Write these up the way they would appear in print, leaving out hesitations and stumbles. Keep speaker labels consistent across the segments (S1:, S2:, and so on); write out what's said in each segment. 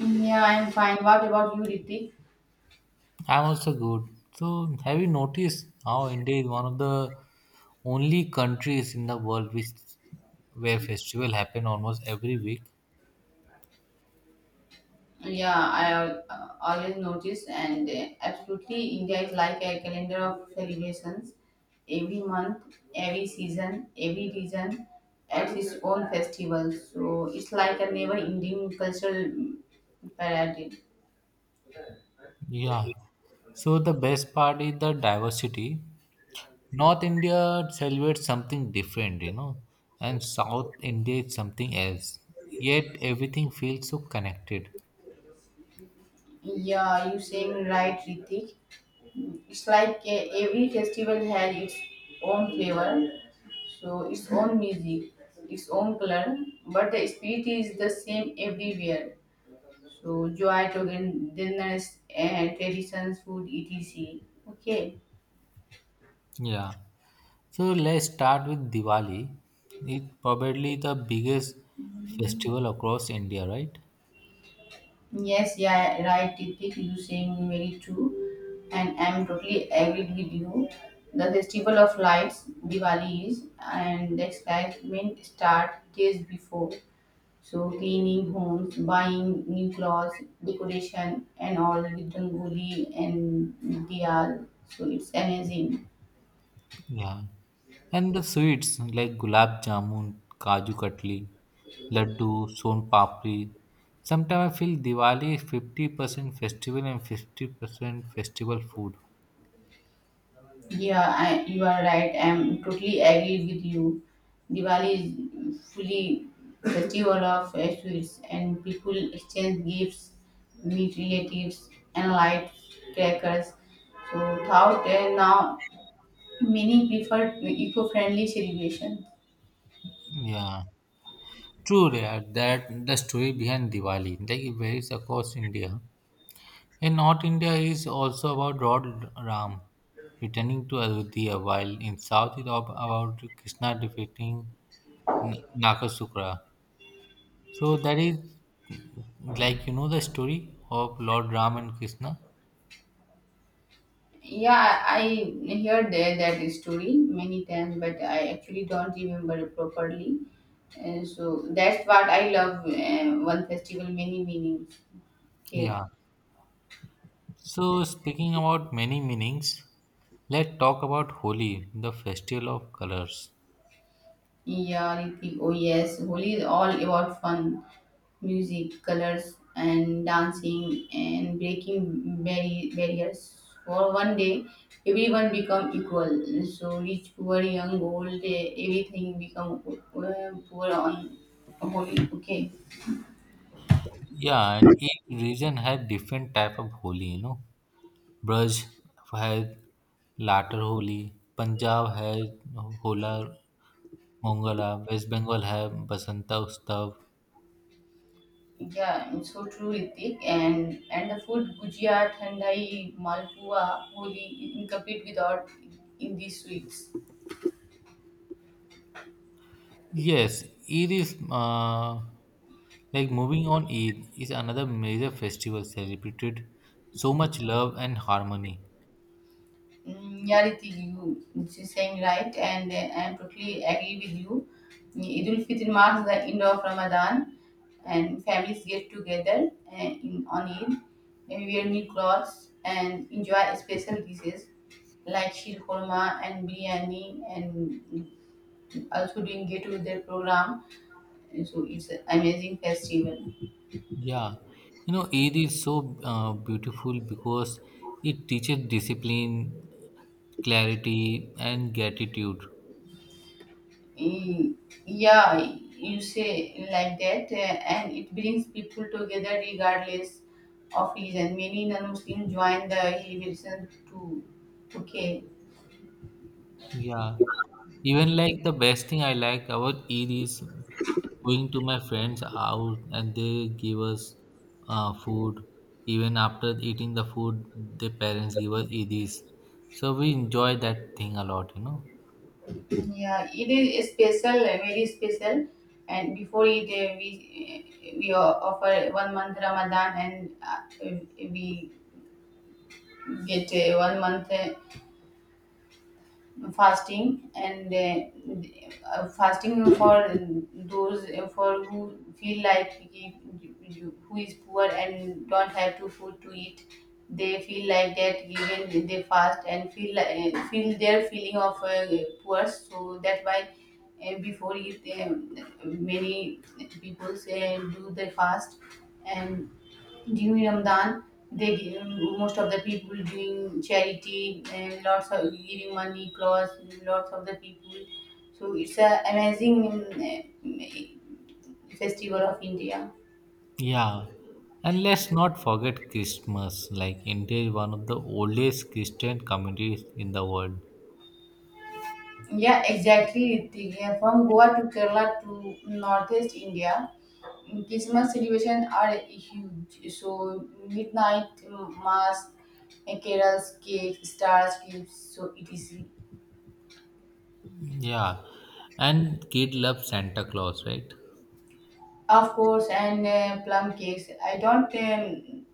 S1: Yeah, I'm fine. What about you, Ritik?
S2: I'm also good. So, have you noticed how India is one of the only countries in the world which where festival happen almost every week?
S1: Yeah, I always notice, and absolutely, India is like a calendar of celebrations. Every month, every season, every region has its own festival. So it's like a never-ending cultural parade.
S2: Yeah. So the best part is the diversity. North India celebrates something different, and South India is something else. Yet everything feels so connected.
S1: Yeah, you saying right, Ritik. It's like every festival had its own flavor, so its own music, its own color, but the spirit is the same everywhere. So joy, togetherness, and traditions, food, etc. Okay.
S2: Yeah. So let's start with Diwali. It's probably the biggest festival across India, right?
S1: Yes, yeah, right, Titik, you saying very true, and I'm totally agreed with you. The festival of lights, Diwali is, and the excitement start days before. So cleaning homes, buying new clothes, decoration, and all with rangoli and diyal. So it's amazing.
S2: Yeah. And the sweets like gulab jamun, kaju katli, laddu, son papri. Sometimes I feel Diwali is 50% festival and 50% festival food.
S1: Yeah, you are right. I'm totally agree with you. Diwali is fully festival of sweets, and people exchange gifts, meet relatives, and light crackers. So thought and now many prefer eco-friendly celebration.
S2: Yeah. True, yeah, that the story behind Diwali, like it varies across India. In North India is also about Lord Ram returning to Ayodhya, while in South it is about Krishna defeating Nakasukra. So that is like the story of Lord Ram and Krishna.
S1: Yeah, I heard that story many times, but I actually don't remember it properly. So that's what I love. One festival, many meanings. Okay.
S2: Yeah. So speaking about many meanings, let's talk about Holi, the festival of colors.
S1: Yeah, Ritik. Oh yes, Holi is all about fun, music, colors, and dancing, and breaking barriers. For one day, everyone become equal. So rich, poor, young, old, everything become poor on Holi. Okay.
S2: Yeah, and each region has different type of Holi. You know, Braj has Latter Holi, Punjab has Hola Mongala, West Bengal have Basanta Ustav.
S1: Yeah, it's so true, Ritik. And the food gujia, thandai, malpua, holi incomplete without in these sweets.
S2: Yes, Eid is like moving on. Eid is another major festival celebrated so much love and harmony.
S1: Yeah, Ritik, you she's saying right, and I totally agree with you. Eid ul Fitr marks the end of Ramadan, and families get together, in on Eid, and wear new clothes and enjoy special dishes like shir khurma and biryani, and also doing get together program. So it's an amazing festival.
S2: Yeah, Eid is so beautiful because it teaches discipline, clarity, and gratitude.
S1: Y- yeah, you say like that, and it brings people together regardless of religion. Many non-muslims join the celebration too. Okay.
S2: Yeah. Even like the best thing I like about it is going to my friends out and they give us food. Even after eating the food, the parents give us edis. So we enjoy that thing a lot.
S1: Yeah, it is special, very special. And before it, we offer one month ramadan, and we get one month fasting, and fasting for those, for who feel like who is poor and don't have to food to eat. They feel like that, given they fast and feel their feeling of poor. So that's why, before it, many people say do the fast. And during Ramadan, most of the people doing charity and lots of giving money, clothes, lots of the people. So it's a amazing, festival of India.
S2: Yeah. And let's not forget Christmas. Like India is one of the oldest Christian communities in the world.
S1: Yeah, exactly, Ritika. From Goa to Kerala to Northeast India, Christmas celebrations are huge. So midnight, mass, carols, cake, stars, gifts. So it is.
S2: Yeah. And kid love Santa Claus, right?
S1: Of course, and plum cakes.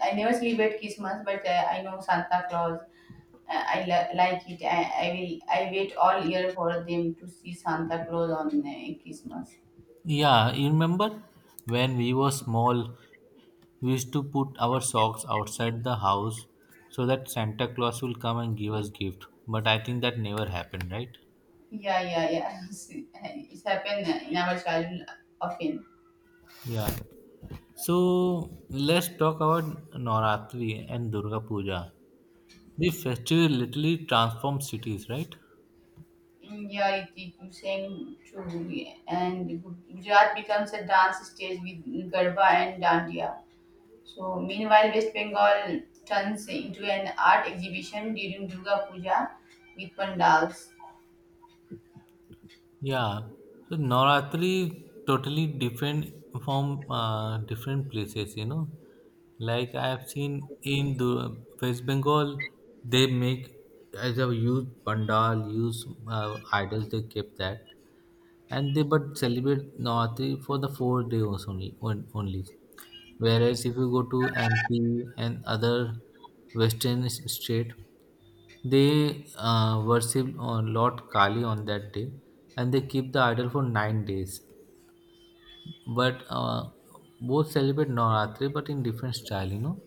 S1: I never celebrate Christmas, but I know Santa Claus. I like it. I will. I wait all year for them to see Santa Claus on Christmas.
S2: Yeah, you remember when we were small, we used to put our socks outside the house so that Santa Claus will come and give us gift. But I think that never happened, right?
S1: Yeah, yeah, yeah. It's happened in our childhood often.
S2: Yeah. So let's talk about Navratri and Durga Puja. The festival literally transforms cities, right?
S1: Yeah, it is same true. And Gujarat becomes a dance stage with Garba and Dandiya. So, meanwhile, West Bengal turns into an art exhibition during Durga Puja with pandals.
S2: Yeah, so Navratri totally different from different places. Like I have seen in the West Bengal, they make as a huge pandal, use idols. They keep that, and they but celebrate Navratri for the 4 days only. Only, whereas if you go to MP and other Western state, they worship Lord Kali on that day and they keep the idol for 9 days. But both celebrate Navratri but in different style.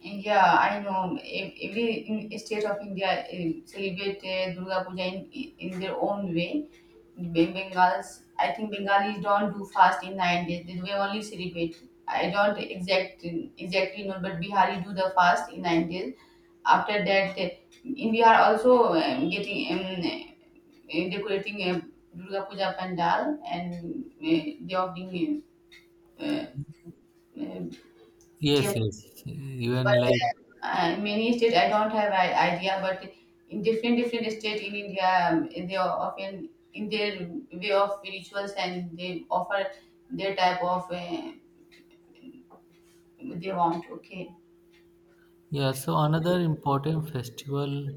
S1: Yeah, I know. Every state of India, celebrate, Durga Puja in their own way. Bengals, I think Bengalis don't do fast in 9 days. They only celebrate. I don't exactly know, but Bihari do the fast in 9 days. After that, in Bihar also, getting, decorating a Durga Puja pandal, and they offering,
S2: Yes,
S1: uh,
S2: yes. Even
S1: but
S2: like,
S1: many states I don't have an idea, but in different states in India, they are often in their way of rituals, and they offer their type of, they want. Okay.
S2: yeah, so another important festival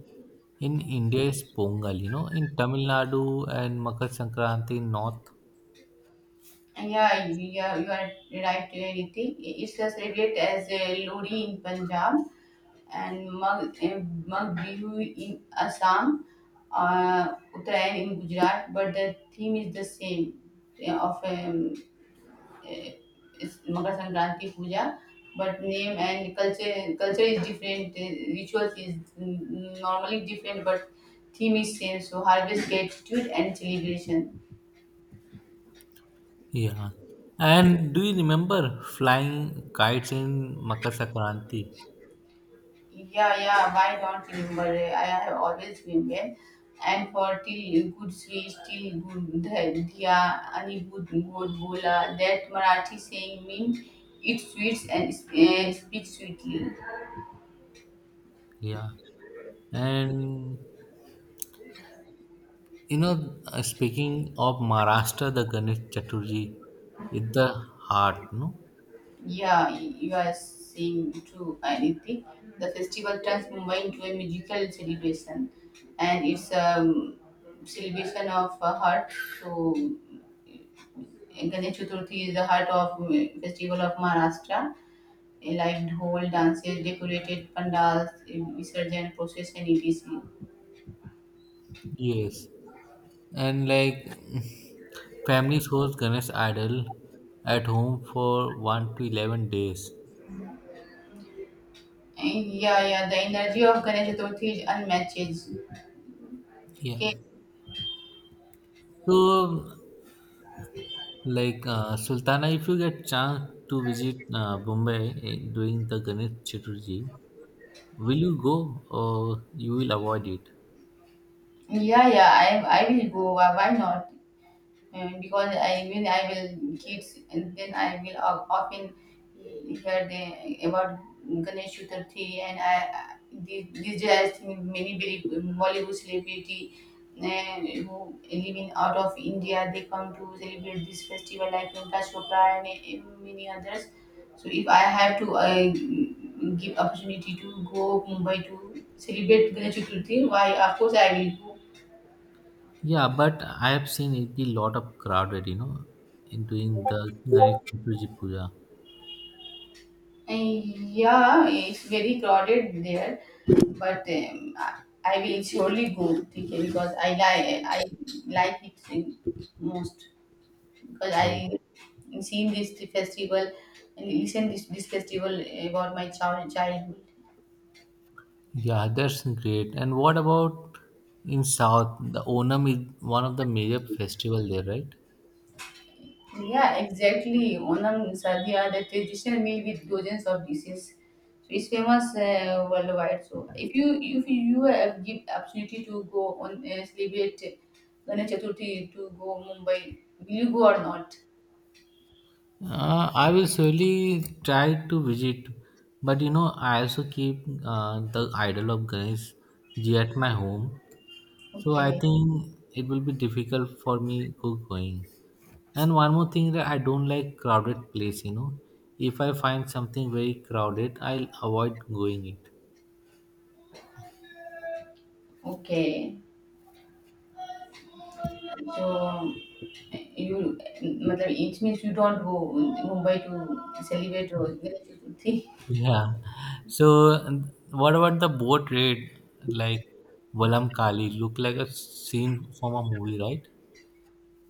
S2: in India is Pongal, in Tamil Nadu and Makar Sankranti in North.
S1: Yeah, yeah, you are right, Riti. It's a celebrate as a Lodi in Punjab, and Mag Bihu in Assam, Uttarayan in Gujarat, but the theme is the same, of eh, is Makar Sankranti puja, but name and culture is different. Rituals is, normally different, but theme is same. So harvest, gratitude, and celebration.
S2: Yeah. And do you remember flying kites in Makar Sankranti?
S1: Yeah, yeah. Why don't remember? I have always remembered. And for till good sweet, till good dhya, ani good good bola. That Marathi saying means it sweets and, speaks sweetly.
S2: Yeah. And speaking of Maharashtra, the Ganesh Chaturthi is the heart, no?
S1: Yeah, you are saying true, Aditi. The festival turns Mumbai into a musical celebration, and it's a celebration of a heart. So Ganesh Chaturthi is the heart of, festival of Maharashtra. A live dhol, dances, decorated pandals, visurgent procession, etc.
S2: Yes. And like families host Ganesh idol at home for 1 to 11 days.
S1: And Yeah, yeah, the energy of Ganesh Chaturthi is unmatched.
S2: Yeah.
S1: Okay.
S2: So, like Sultana, if you get chance to visit Bombay during the Ganesh Chaturthi, will you go or you will avoid it?
S1: Yeah, yeah, I will go. Why not? And because I, when I will kids, and then I will often hear the about Ganesh Chaturthi. And I, this day, I think many very Bollywood celebrity, who live in out of India, they come to celebrate this festival, like Prakash Chopra and, many others. So if I have to, give opportunity to go Mumbai to celebrate Ganesh Chaturthi, why of course I will go.
S2: Yeah, but I have seen it be lot of crowded, in doing the Ganesh Chaturthi Puja.
S1: Yeah, it's very crowded there, but, I will surely go, okay, because I like it most, because
S2: Oh,
S1: I seen this festival and listen this festival about my childhood.
S2: yeah, that's great. And what about in South? The Onam is one of the major festival there, right?
S1: Yeah, exactly. Onam Sadia, the traditional meal with dozens of dishes. So it's famous, worldwide. So if you have give opportunity to go on, celebrate Ganesh Chaturthi to go Mumbai, will you go or not?
S2: I will surely try to visit, but I also keep the idol of Ganesh ji at my home, so I
S1: Okay,
S2: think it will be difficult for me going. And one more thing that I don't like crowded place. If I find something very crowded, I'll avoid going it.
S1: okay. So you, मतलब, it means you don't go Mumbai to celebrate Ganesh Chaturthi.
S2: Yeah. So and what about the boat raid? Like Valam Kali look like a scene from a movie, right?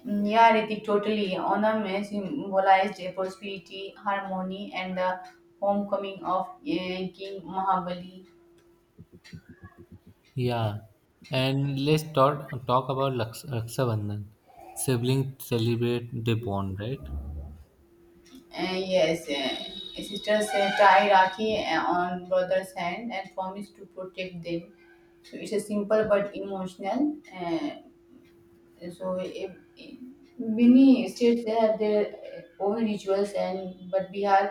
S1: Yeah, Ritik, totally. Onam, symbolized, prosperity, harmony, and the homecoming of, King Mahabali.
S2: Yeah. And let's talk about Raksha Bandhan. Siblings celebrate the bond, right?
S1: Yes, sisters, tie Rakhi, on brother's hand, and promise to protect them. So it's a simple but emotional. So many states, they have their own rituals. And but bihar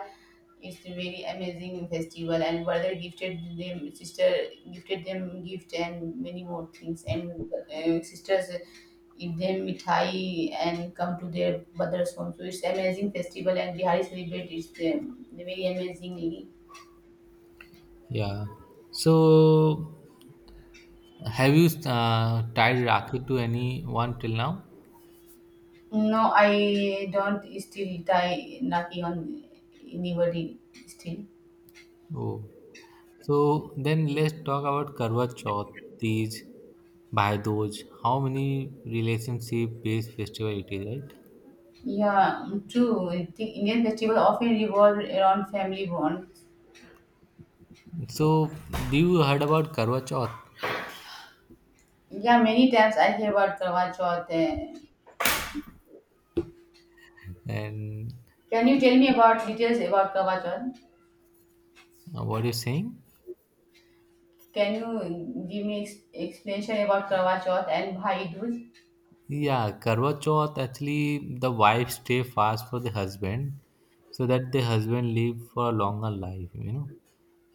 S1: is a very amazing festival, and brother gifted them, sister gifted them gift and many more things. And sisters give them mithai and come to their brother's home. So it's amazing festival, and bihari celebrate it's, very amazingly.
S2: Yeah. So have you tied Rakhi to anyone till now?
S1: No, I don't still tie naki on anybody still.
S2: Oh. So then let's talk about Karwa Chauth, Tej, Bhai Doj. How many relationship-based festival it is, right?
S1: Yeah, true. I think Indian festival often revolve around family bonds.
S2: So do you heard about Karwa Chauth?
S1: Yeah, many times I hear about Karwa Chauth. Eh.
S2: And
S1: Can you tell me about details about Karwa Chauth?
S2: what you saying?
S1: Can you give me explanation about Karwa Chauth and Bhai Dooj?
S2: Yeah, Karwa Chauth actually the wife stay fast for the husband, so that the husband live for a longer life,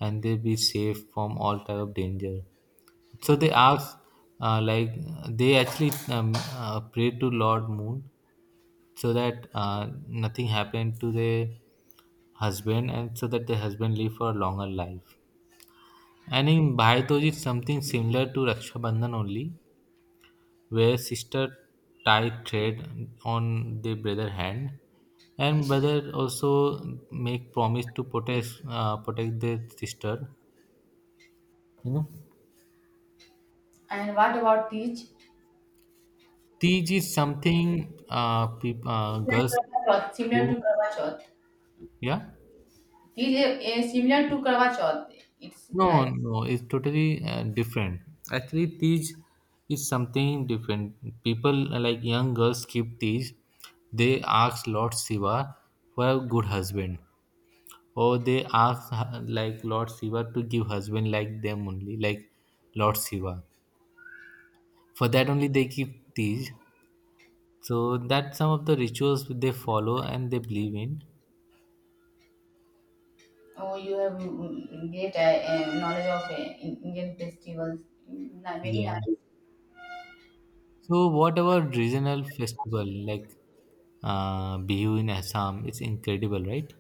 S2: and they be safe from all type of danger. So they ask, like they actually pray to Lord Moon so that nothing happened to the husband and so that the husband live for a longer life. And in Bhai Dooj, it's something similar to Raksha Bandhan only, where sister tie thread on the brother hand, and brother also make promise to protect their sister. You know,
S1: And what about Teach?
S2: Tej is something peop
S1: It's like
S2: girls
S1: Karwa Chauth, similar to
S2: do.
S1: Karwa Chauth.
S2: Yeah.
S1: Teach is, similar to Karwa Chauth. It's
S2: No,
S1: like
S2: no, it's totally different. Actually, Tej is something different. People like young girls keep Tej. They ask Lord Shiva for a good husband, or they ask like Lord Shiva to give husband like them only, like Lord Shiva. For that only they keep Tej. So that's some of the rituals they follow and they believe in.
S1: oh, you have, great, knowledge of, Indian festivals. Many
S2: Yeah.
S1: nice.
S2: So whatever regional festival like Bihu in Assam, it's incredible, right?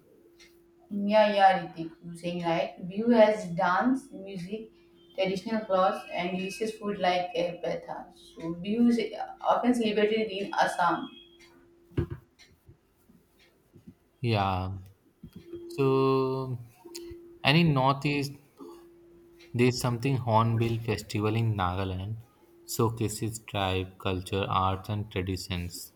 S1: Yeah, yeah, Ritik, you're saying right. Bihu has dance, music, traditional clothes, and delicious food like, petha. So Bihu is, often celebrated in Assam.
S2: Yeah. So, and in Northeast, there's something Hornbill Festival in Nagaland, showcases tribe, culture, arts, and traditions.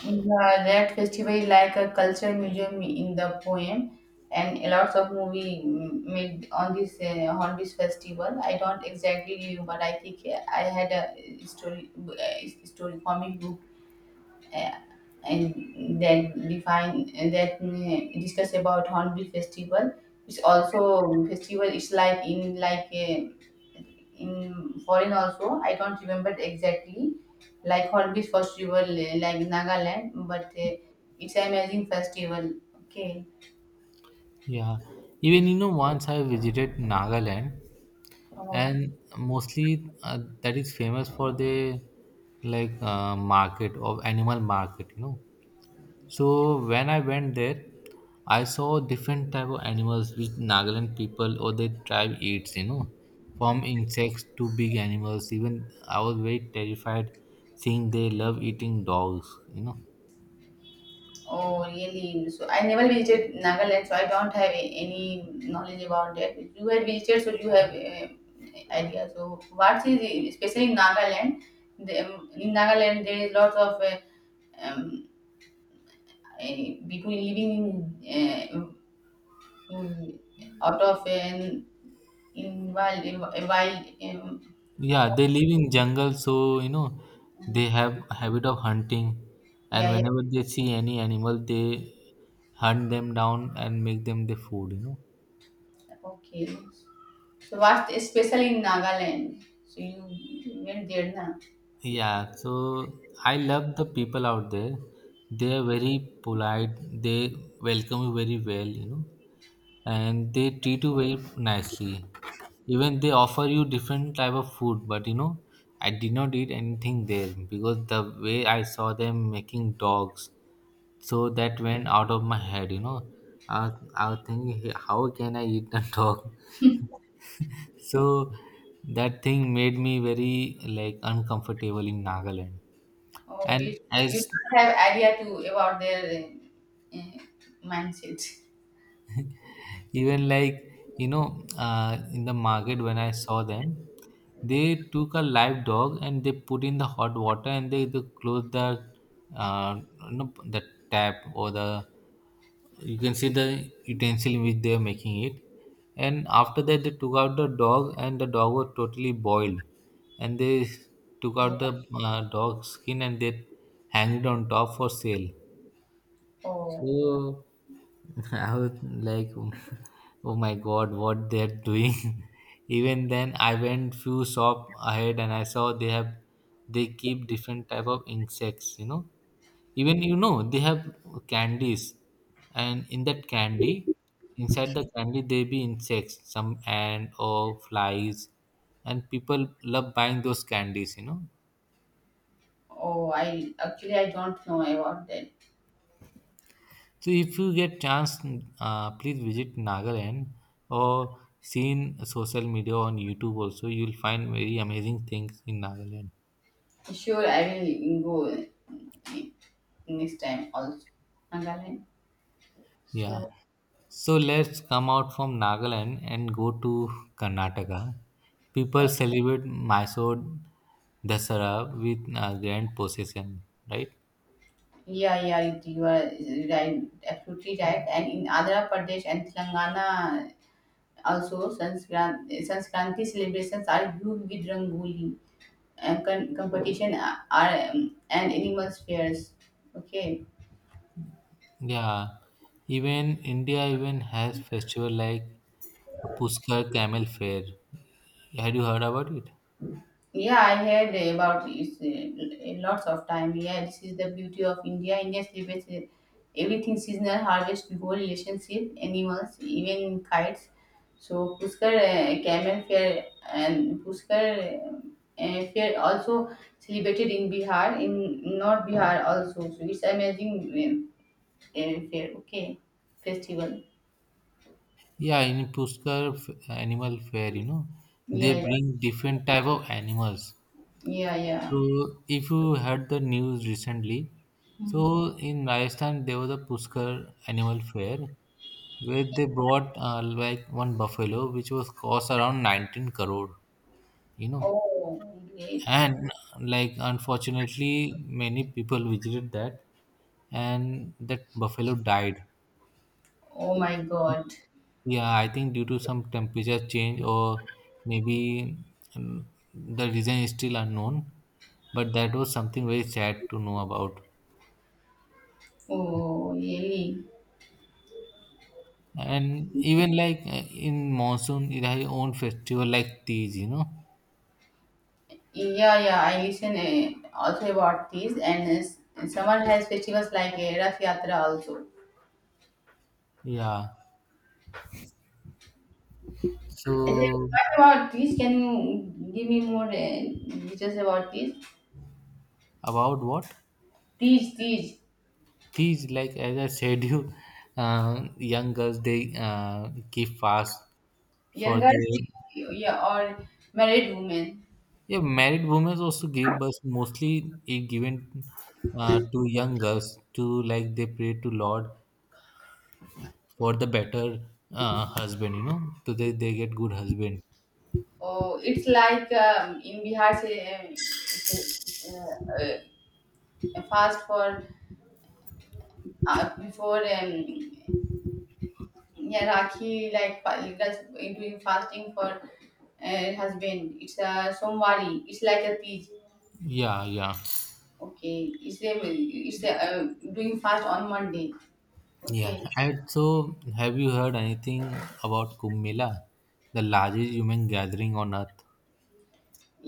S1: Yeah, that festival is like a cultural museum in the poem, and a lot of movie, made on this, on this festival. I don't exactly remember, but I think, I had a story, story comic book, uh, and then define, and then, discuss about hornbill festival. It's also, festival, it's like in, like, in foreign also, I don't remember exactly, like hornbill festival, like nagaland, but, it's an amazing festival. Okay.
S2: Yeah. Even, once I visited Nagaland,
S1: Oh.
S2: and mostly that is famous for the like market of animal market. So when I went there, I saw different type of animals which Nagaland people or their tribe eats. From insects to big animals. Even I was very terrified seeing they love eating dogs. You know,
S1: Oh, really? So I never visited Nagaland, so I don't have any knowledge about that. You had visited, so you have, idea. So what is especially in Nagaland? In Nagaland, there is lots of, um, uh, people living in out of an, in wild.
S2: yeah, they live in jungle, so they have a habit of hunting, and
S1: Yeah, yeah.
S2: whenever they see any animal, they hunt them down and make them the food.
S1: Okay. So what's special in Nagaland? So you went there, na?
S2: Yeah, so I love the people out there. They are very polite. They welcome you very well, and they treat you very nicely. Even they offer you different type of food, but I did not eat anything there because the way I saw them making dogs, so that went out of my head. I was thinking, "Hey, how can I eat a dog?" So that thing made me very like uncomfortable in Nagaland,
S1: Oh,
S2: and
S1: you
S2: as
S1: don't have idea to about their, uh, uh, mindset.
S2: even like in the market when I saw them, they took a live dog and they put in the hot water, and they close the uh, the tap, or the you can see the utensil in which they are making it, and after that they took out the dog and the dog was totally boiled, and they took out the dog skin and they hang it on top for sale.
S1: Oh,
S2: So I was like, oh oh my god, what they're doing. Even then, I went few shop ahead and I saw they keep different type of insects. Even they have candies, and in that candy, inside the candy they be insects, some ant or flies, and people love buying those candies.
S1: oh, I actually, I don't know about that.
S2: So if you get chance, please visit Nagaland or seen social media on YouTube also. You'll find very amazing things in Nagaland.
S1: Sure, I will go, next time also. Nagaland.
S2: Yeah.
S1: So
S2: So let's come out from Nagaland and go to Karnataka. People celebrate Mysore Dasara with a grand procession, right?
S1: yeah, yeah, you are right, absolutely right. And in Andhra Pradesh and Telangana also Sanskranti celebrations are huge with Rangoli. Competition, are, and animals fairs. Okay.
S2: Yeah. Even India even has festival like Pushkar Camel Fair. Had you heard about it?
S1: Yeah, I heard about this, lots of time. Yeah, this is the beauty of India. India celebrates, everything seasonal harvest, whole relationship, animals, even kites. So Pushkar, Camel Fair, and Pushkar, Fair also celebrated in Bihar, in North Bihar also. So it's amazing, fair. Okay, festival.
S2: Yeah, in Pushkar animal fair, they
S1: Yeah, yeah,
S2: bring different type of animals.
S1: yeah, yeah.
S2: So if you heard the news recently,
S1: Mm.
S2: so in Rajasthan there was a Pushkar animal fair where they brought like one buffalo which was cost around 19 crore, you know.
S1: Oh, great.
S2: And like unfortunately many people visited that and that buffalo died.
S1: Oh my God.
S2: Yeah, I think due to some temperature change or maybe um, the reason is still unknown, but that was something very sad to know about.
S1: Oh, really?
S2: And even like in monsoon, it has its own festival like Tej.
S1: Yeah, yeah. I listen, also about this, and, summer has festivals like, Rath Yatra also.
S2: Yeah.
S1: And then
S2: So
S1: what about this? Can you give me more, details about this?
S2: about what?
S1: These
S2: Tej, like as I said, young girls they keep fast for
S1: younger,
S2: the.
S1: yeah, or married women.
S2: Yeah, married women also give birth mostly is given to young girls to like they pray to Lord for the better husband, so they get good husband.
S1: Oh, it's like, in Bihar, say, um, uh, fast for, before. Yeah, rakhi like that's doing fasting for, husband. It's a somvari, it's like a peach.
S2: Yeah, yeah,
S1: Okay, it's a doing fast on monday.
S2: yeah.
S1: Okay.
S2: And so, have you heard anything about Kumbh Mela, the largest human gathering on earth?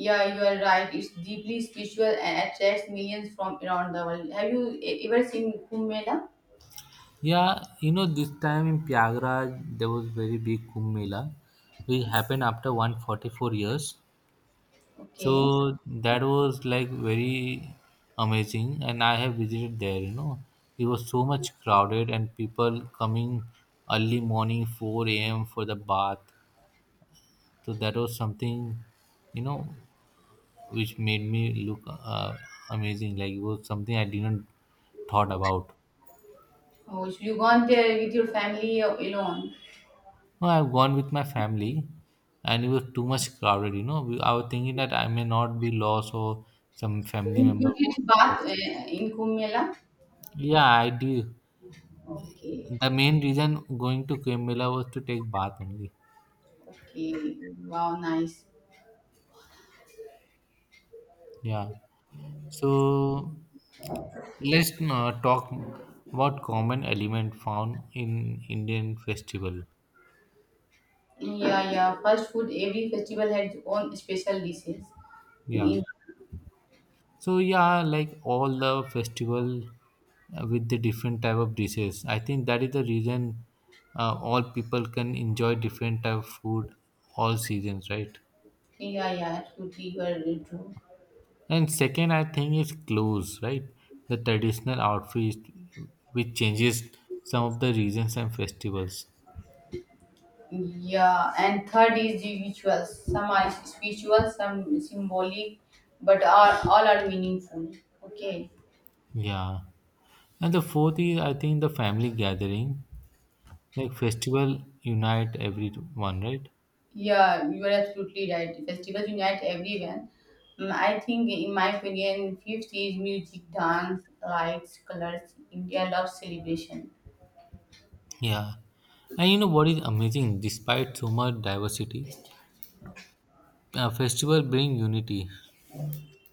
S1: Yeah, you are right, it's deeply spiritual and attracts millions from around the world. Have you ever seen kumbh mela?
S2: Yeah, this time in Prayagraj there was very big Kumbh Mela, which happened after 144 years.
S1: Okay.
S2: So that was like very amazing, and I have visited there. It was so much crowded and people coming early morning, 4 a.m. for the bath. So that was something, you know, which made me look amazing. Like it was something I didn't thought about.
S1: Oh, so you gone there with your family or alone?
S2: No, I've gone with my family, and it was too much crowded. I was thinking that I may not be lost or some
S1: So
S2: family
S1: you
S2: member
S1: did
S2: won't be
S1: bath,
S2: lost.
S1: in kumbh mela?
S2: Yeah, I do.
S1: Okay.
S2: The main reason going to Kumbh was to take bath only.
S1: Okay, wow, nice.
S2: Yeah. So let's talk about common element found in Indian festival.
S1: Yeah, yeah. First food, every festival had its own special dishes.
S2: Yeah.
S1: In
S2: So yeah, like all the festival with the different type of dishes. I think that is the reason all people can enjoy different type of food all seasons, right?
S1: India, yeah, yeah, absolutely, you are true.
S2: And second, I think is clothes, right? The traditional outfits, which changes some of the regions and festivals.
S1: Yeah, and third is the rituals. Some are spiritual, some symbolic, but are all are meaningful. Okay.
S2: Yeah. And the fourth is, I think, the family gathering. Like festival unite everyone, right?
S1: Yeah, you are absolutely right. Festivals unite everyone. I think, in my opinion, fifth is music, dance, lights, colors. India loves celebration.
S2: Yeah. And you know what is amazing? Despite so much diversity, a festival bring unity.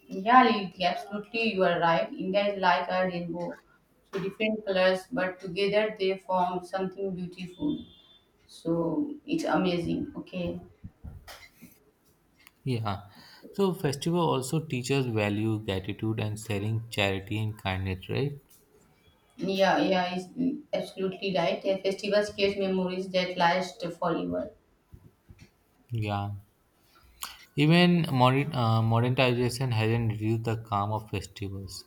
S1: Yeah, Liti, absolutely, you are right. India is like a rainbow, so different colors, but together they form something beautiful. So it's amazing. Okay.
S2: Yeah. So festival also teaches value, gratitude, and sharing charity and kindness, right?
S1: Yeah, yeah, it's absolutely right. A festivals create memories that last forever.
S2: Yeah. Even modernization hasn't reduced the calm of festivals.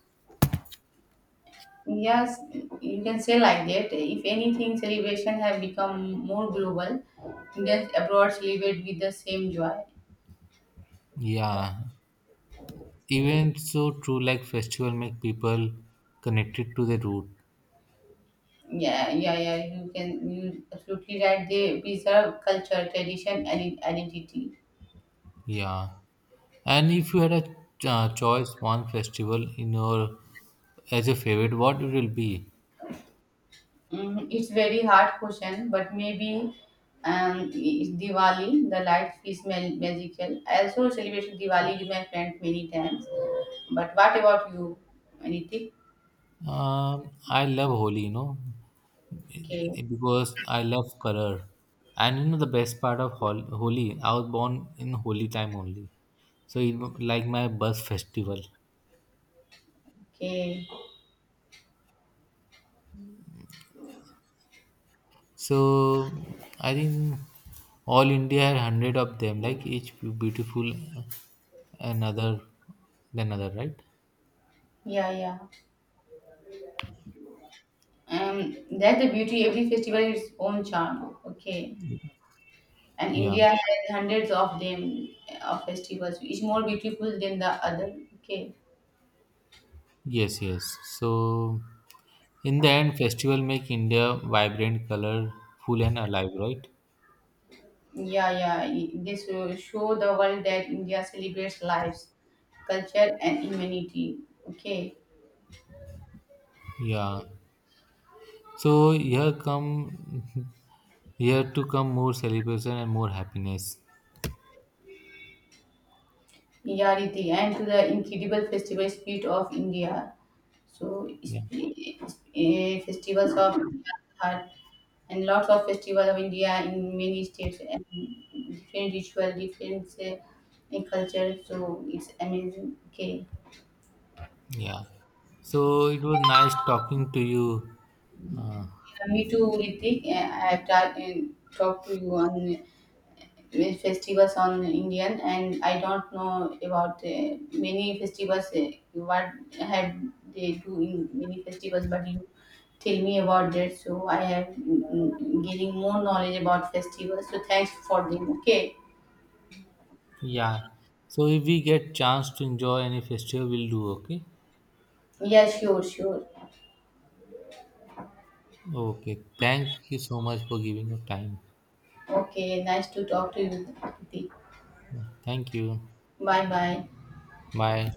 S1: Yes, you can say like that. If anything, celebration have become more global. Indians abroad celebrate with the same joy.
S2: Yeah, even so, true like festival make people connected to the root.
S1: Yeah, yeah, yeah. You absolutely right. They preserve culture, tradition, and identity.
S2: Yeah, and if you had a choice one festival in your as your favorite, what it will be?
S1: It's very hard question, but maybe, Diwali, the light is magical. I also celebrated Diwali with my friend many times. But what about you? Anything?
S2: I love Holi,
S1: Okay,
S2: because I love color. And you know the best part of Holi, I was born in Holi time only. So it was like my birth festival.
S1: okay.
S2: So I think all India had hundred of them, like each beautiful another than other, right?
S1: Yeah, yeah. Um, that's the beauty. Every festival has its own charm. Okay. And
S2: Yeah.
S1: India has hundreds of them of festivals, which more beautiful than the other. Okay,
S2: Yes, yes. So in the end, festival make India vibrant, colorful, and alive, right?
S1: yeah, yeah. This will show the world that India celebrates lives, culture, and humanity. Okay,
S2: Yeah. So here to come more celebration and more happiness.
S1: yeah, Riti, and to the incredible festival spirit of India. So, it's,
S2: Yeah.
S1: it's, eh, festivals of heart, and lots of festivals of India in many states, and different ritual, different, culture. So it's amazing. Okay.
S2: Yeah. So it was nice talking to you. Uh,
S1: Yeah, me too, Ritik. I've tried and talked to you on, festivals on Indian, and I don't know about, many festivals. What have they do in many festivals? But you tell me about that, so I have, getting more knowledge about festivals. So thanks for them. Okay.
S2: Yeah. So if we get chance to enjoy any festival, we'll do okay.
S1: Yeah, sure, sure.
S2: Okay. Thank you so much for giving your time.
S1: Okay, nice to talk to you, Ritik.
S2: Yeah. Thank you.
S1: Bye, bye.
S2: Bye.